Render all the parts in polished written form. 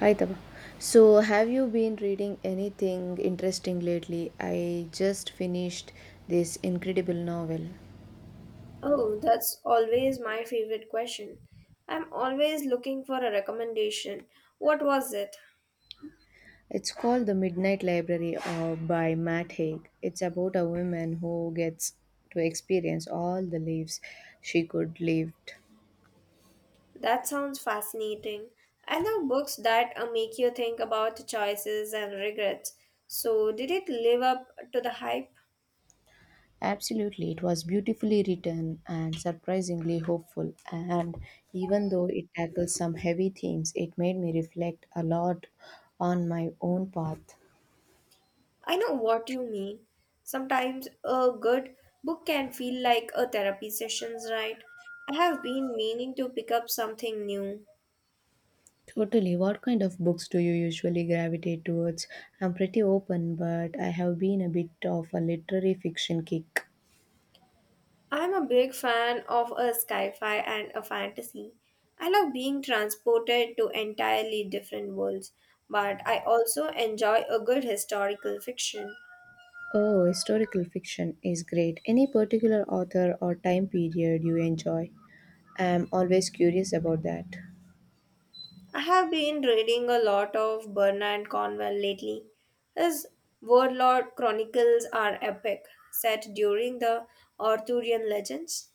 Hi Taba. So, have you been reading anything interesting lately? I just finished this incredible novel. Oh, that's always my favorite question. I'm always looking for a recommendation. What was it? It's called The Midnight Library by Matt Haig. It's about a woman who gets to experience all the lives she could lived. That sounds fascinating. I love books that make you think about choices and regrets. So, did it live up to the hype? Absolutely, it was beautifully written and surprisingly hopeful. And even though it tackles some heavy themes, it made me reflect a lot on my own path. I know what you mean. Sometimes a good book can feel like a therapy sessions, right? I have been meaning to pick up something new. Totally. What kind of books do you usually gravitate towards? I'm pretty open, but I have been a bit of a literary fiction kick. I'm a big fan of a sci-fi and a fantasy. I love being transported to entirely different worlds, but I also enjoy a good historical fiction. Oh, historical fiction is great. Any particular author or time period you enjoy? I'm always curious about that. I have been reading a lot of Bernard Cornwell lately. His Warlord Chronicles are epic, set during the Arthurian legends.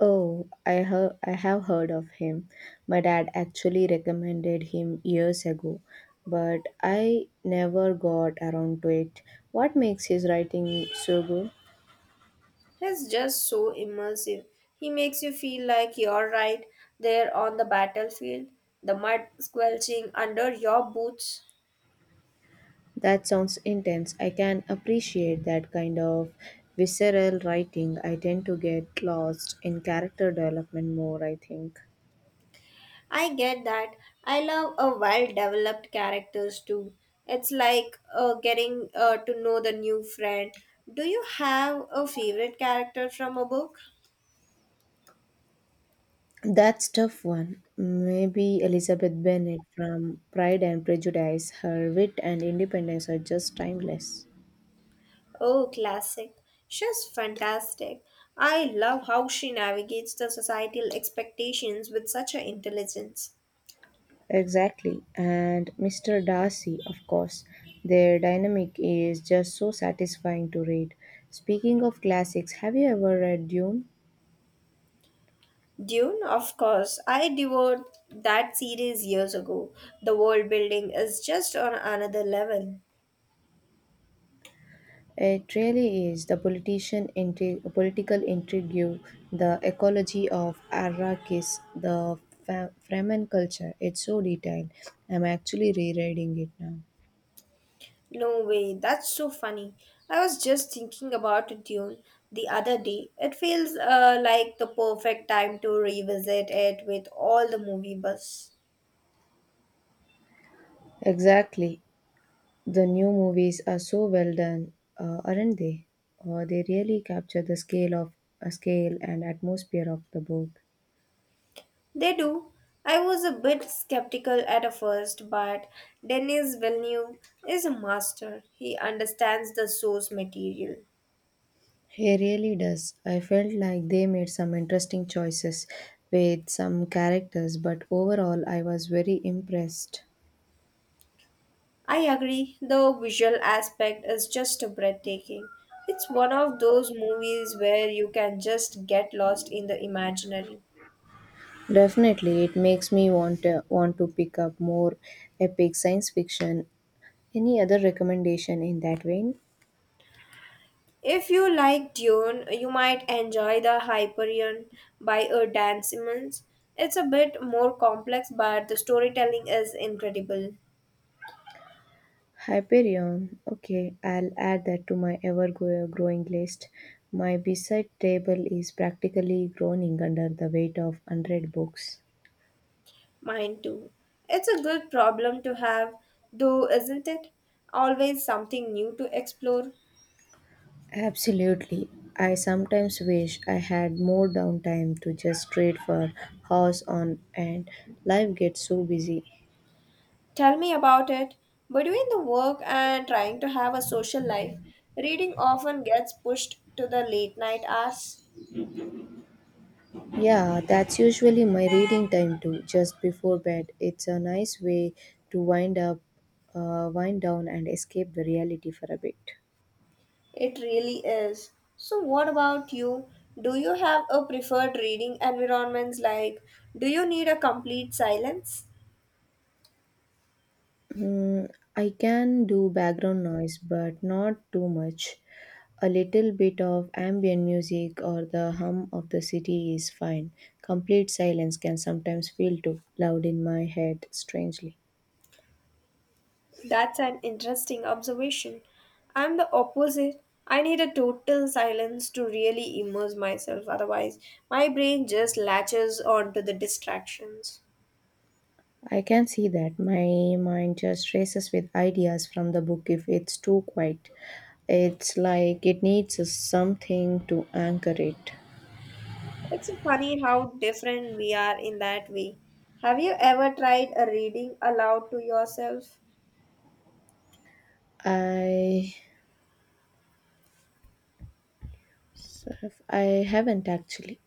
Oh, I have heard of him. My dad actually recommended him years ago, but I never got around to it. What makes his writing so good? He's just so immersive. He makes you feel like you're right there on the battlefield, the mud squelching under your boots. That sounds intense. I can appreciate that kind of visceral writing. I tend to get lost in character development more, I think. I get that. I love a well-developed characters too. It's like getting to know the new friend. Do you have a favorite character from a book? That's tough one. Maybe Elizabeth Bennet from Pride and Prejudice, her wit and independence are just timeless. Oh, classic. She's fantastic. I love how she navigates the societal expectations with such an intelligence. Exactly. And Mr. Darcy, of course. Their dynamic is just so satisfying to read. Speaking of classics, have you ever read Dune? Dune, of course. I devoured that series years ago. The world building is just on another level. It really is the political intrigue, the ecology of Arrakis, the Fremen culture. It's so detailed. I'm actually rereading it now. No way, that's so funny. I was just thinking about Dune the other day. It feels like the perfect time to revisit it with all the movie buzz. Exactly. The new movies are so well done, aren't they? They really capture the scale of a scale and atmosphere of the book. They do. I was a bit skeptical at first, but Denis Villeneuve is a master. He understands the source material. He really does. I felt like they made some interesting choices with some characters, but overall, I was very impressed. I agree, the visual aspect is just breathtaking. It's one of those movies where you can just get lost in the imaginary. Definitely, it makes me want to pick up more epic science fiction. Any other recommendation in that vein? If you like Dune, you might enjoy the Hyperion by Dan Simmons. It's a bit more complex, but the storytelling is incredible. Hyperion. Okay, I'll add that to my growing list. My bedside table is practically groaning under the weight of 100 books. Mine too. It's a good problem to have, though, isn't it? Always something new to explore. Absolutely. I sometimes wish I had more downtime to just trade for house on and life gets so busy. Tell me about it. Between the work and trying to have a social life, reading often gets pushed to the late night hours. Yeah, that's usually my reading time too, just before bed. It's a nice way to wind down, and escape the reality for a bit. It really is. So, what about you? Do you have a preferred reading environments like do you need a complete silence? Hmm, I can do background noise, but not too much. A little bit of ambient music or the hum of the city is fine. Complete silence can sometimes feel too loud in my head, strangely. That's an interesting observation. I'm the opposite. I need a total silence to really immerse myself, otherwise, my brain just latches onto the distractions. I can see that. My mind just races with ideas from the book if it's too quiet. It's like it needs something to anchor it. It's funny how different we are in that way. Have you ever tried a reading aloud to yourself? I I haven't actually.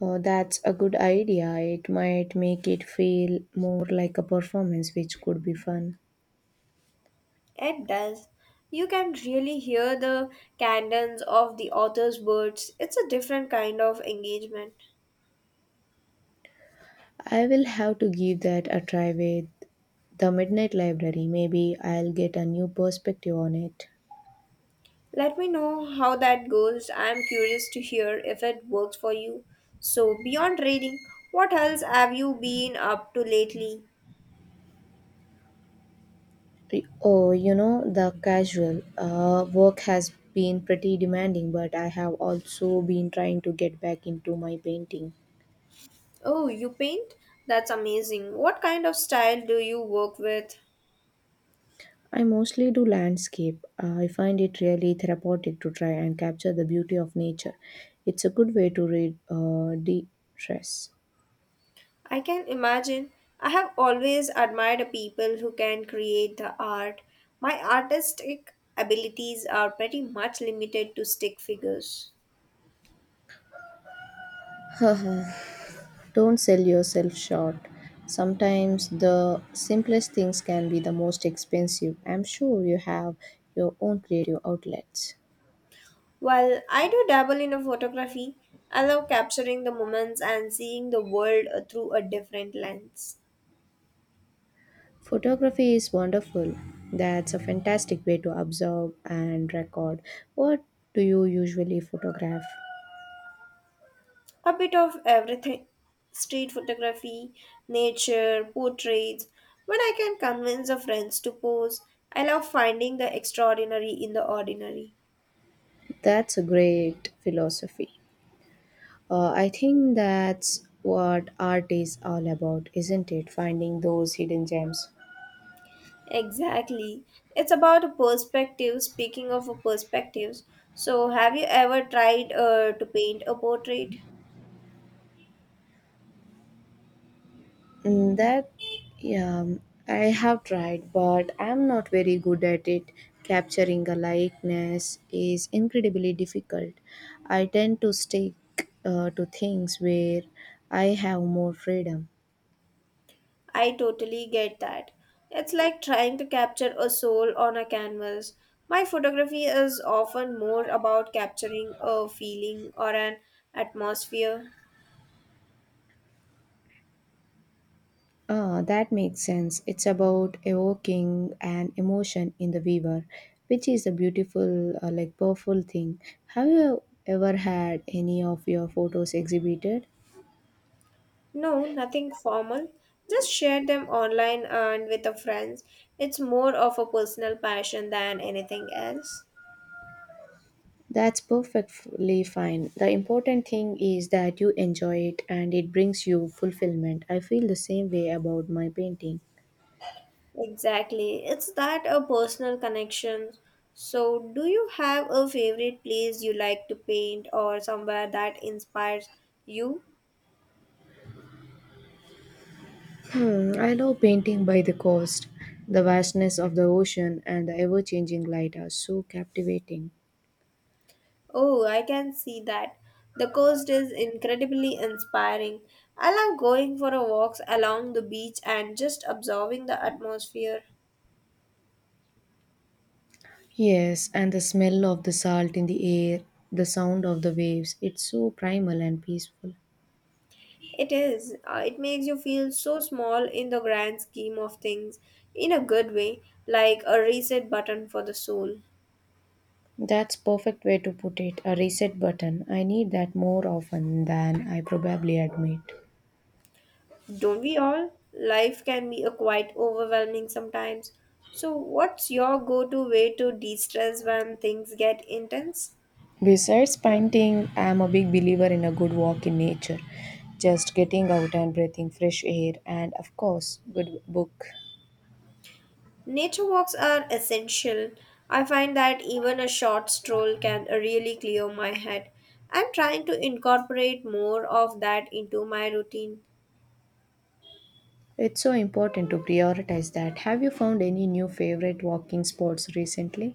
Oh, that's a good idea. It might make it feel more like a performance, which could be fun. It does. You can really hear the cadence of the author's words. It's a different kind of engagement. I will have to give that a try with the Midnight Library. Maybe I'll get a new perspective on it. Let me know how that goes. I'm curious to hear if it works for you. So, beyond reading, what else have you been up to lately? Oh, you know, the casual work has been pretty demanding, but I have also been trying to get back into my painting. Oh, you paint? That's amazing. What kind of style do you work with? I mostly do landscape. I find it really therapeutic to try and capture the beauty of nature. It's a good way to read de stress. I can imagine. I have always admired people who can create the art. My artistic abilities are pretty much limited to stick figures. Don't sell yourself short. Sometimes the simplest things can be the most expensive. I'm sure you have your own creative outlets. While I do dabble in a photography, I love capturing the moments and seeing the world through a different lens. Photography is wonderful. That's a fantastic way to observe and record. What do you usually photograph? A bit of everything street photography, nature, portraits. When I can convince a friend to pose, I love finding the extraordinary in the ordinary. That's a great philosophy. I think that's what art is all about, isn't it? Finding those hidden gems. Exactly. It's about a perspective. Speaking of a perspectives, so have you ever tried to paint a portrait? Mm, That, yeah, I have tried, but I'm not very good at it. Capturing a likeness is incredibly difficult. I tend to stick to things where I have more freedom. I totally get that. It's like trying to capture a soul on a canvas. My photography is often more about capturing a feeling or an atmosphere. Ah, that makes sense. It's about evoking an emotion in the viewer, which is a beautiful, powerful thing. Have you ever had any of your photos exhibited? No, nothing formal. Just share them online and with the friends. It's more of a personal passion than anything else. That's perfectly fine. The important thing is that you enjoy it and it brings you fulfillment. I feel the same way about my painting. Exactly. It's that a personal connection. So, do you have a favorite place you like to paint or somewhere that inspires you? I love painting by the coast. The vastness of the ocean and the ever changing light are so captivating. Oh, I can see that. The coast is incredibly inspiring. I love going for a walks along the beach and just absorbing the atmosphere. Yes, and the smell of the salt in the air, the sound of the waves, it's so primal and peaceful. It is. It makes you feel so small in the grand scheme of things in a good way, like a reset button for the soul. That's perfect way to put it, a reset button. I need that more often than I probably admit. Don't we all? Life can be a quite overwhelming sometimes. So, what's your go to way to de stress when things get intense? Besides painting, I am a big believer in a good walk in nature. Just getting out and breathing fresh air, and of course, good book. Nature walks are essential. I find that even a short stroll can really clear my head. I'm trying to incorporate more of that into my routine. It's so important to prioritize that. Have you found any new favorite walking spots recently?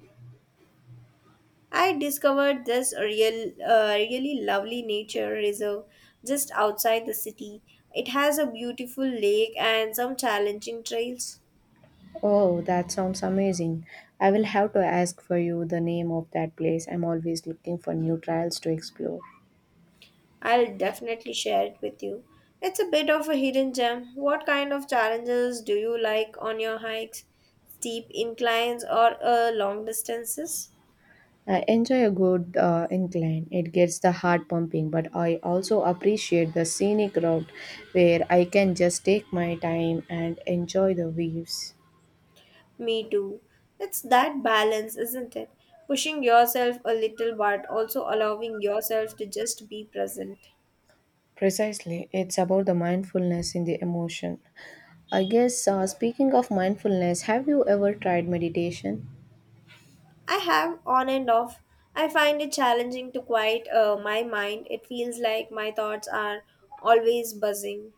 I discovered this really lovely nature reserve just outside the city. It has a beautiful lake and some challenging trails. Oh, that sounds amazing. I will have to ask for you the name of that place. I'm always looking for new trails to explore. I'll definitely share it with you. It's a bit of a hidden gem. What kind of challenges do you like on your hikes? Steep inclines or long distances? I enjoy a good incline. It gets the heart pumping, but I also appreciate the scenic route where I can just take my time and enjoy the waves. Me too. It's that balance, isn't it? Pushing yourself a little but also allowing yourself to just be present. Precisely, it's about the mindfulness in the emotion. I guess, speaking of mindfulness, have you ever tried meditation? I have on and off. I find it challenging to quiet my mind. It feels like my thoughts are always buzzing.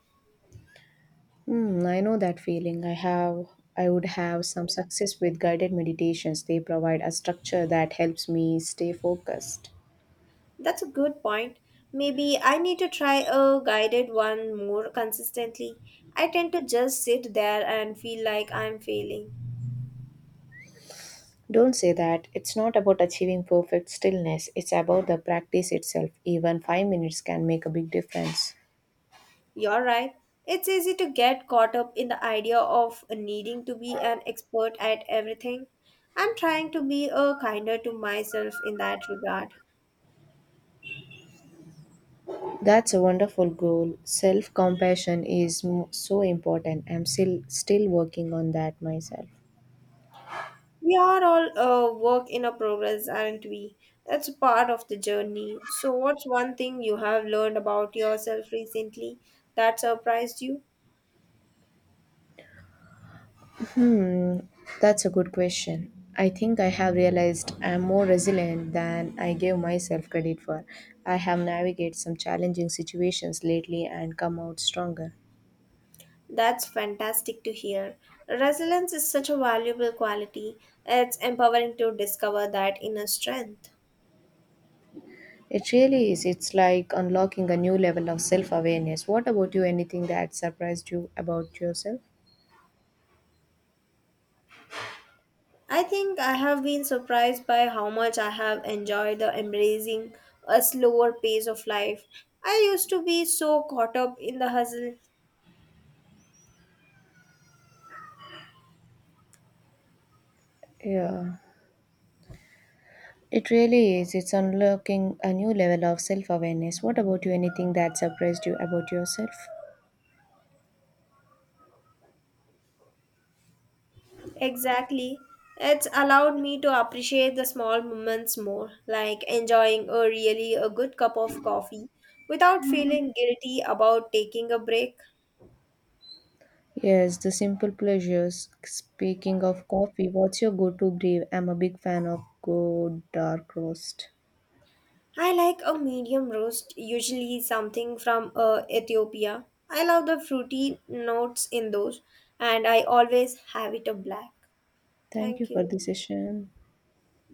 I know that feeling. I would have some success with guided meditations. They provide a structure that helps me stay focused. That's a good point. Maybe I need to try a guided one more consistently. I tend to just sit there and feel like I'm failing. Don't say that. It's not about achieving perfect stillness, it's about the practice itself. Even 5 minutes can make a big difference. You're right. It's easy to get caught up in the idea of needing to be an expert at everything. I'm trying to be a kinder to myself in that regard. That's a wonderful goal. Self compassion is so important. I'm still working on that myself. We are all a work in a progress, aren't we? That's part of the journey. So, what's one thing you have learned about yourself recently that surprised you? That's a good question. I think I have realized I'm more resilient than I gave myself credit for. I have navigated some challenging situations lately and come out stronger. That's fantastic to hear. Resilience is such a valuable quality. It's empowering to discover that inner strength. It really is. It's like unlocking a new level of self awareness. What about you? Anything that surprised you about yourself? I think I have been surprised by how much I have enjoyed the embracing a slower pace of life. I used to be so caught up in the hustle. Yeah. It really is. It's unlocking a new level of self awareness. What about you? Anything that surprised you about yourself? Exactly. It's allowed me to appreciate the small moments more, like enjoying a really a good cup of coffee without feeling guilty about taking a break. Yes, the simple pleasures. Speaking of coffee, what's your go to brew? I'm a big fan of good dark roast. I like a medium roast, usually something from Ethiopia. I love the fruity notes in those, and I always have it a black. Thank you Thank for you. the session.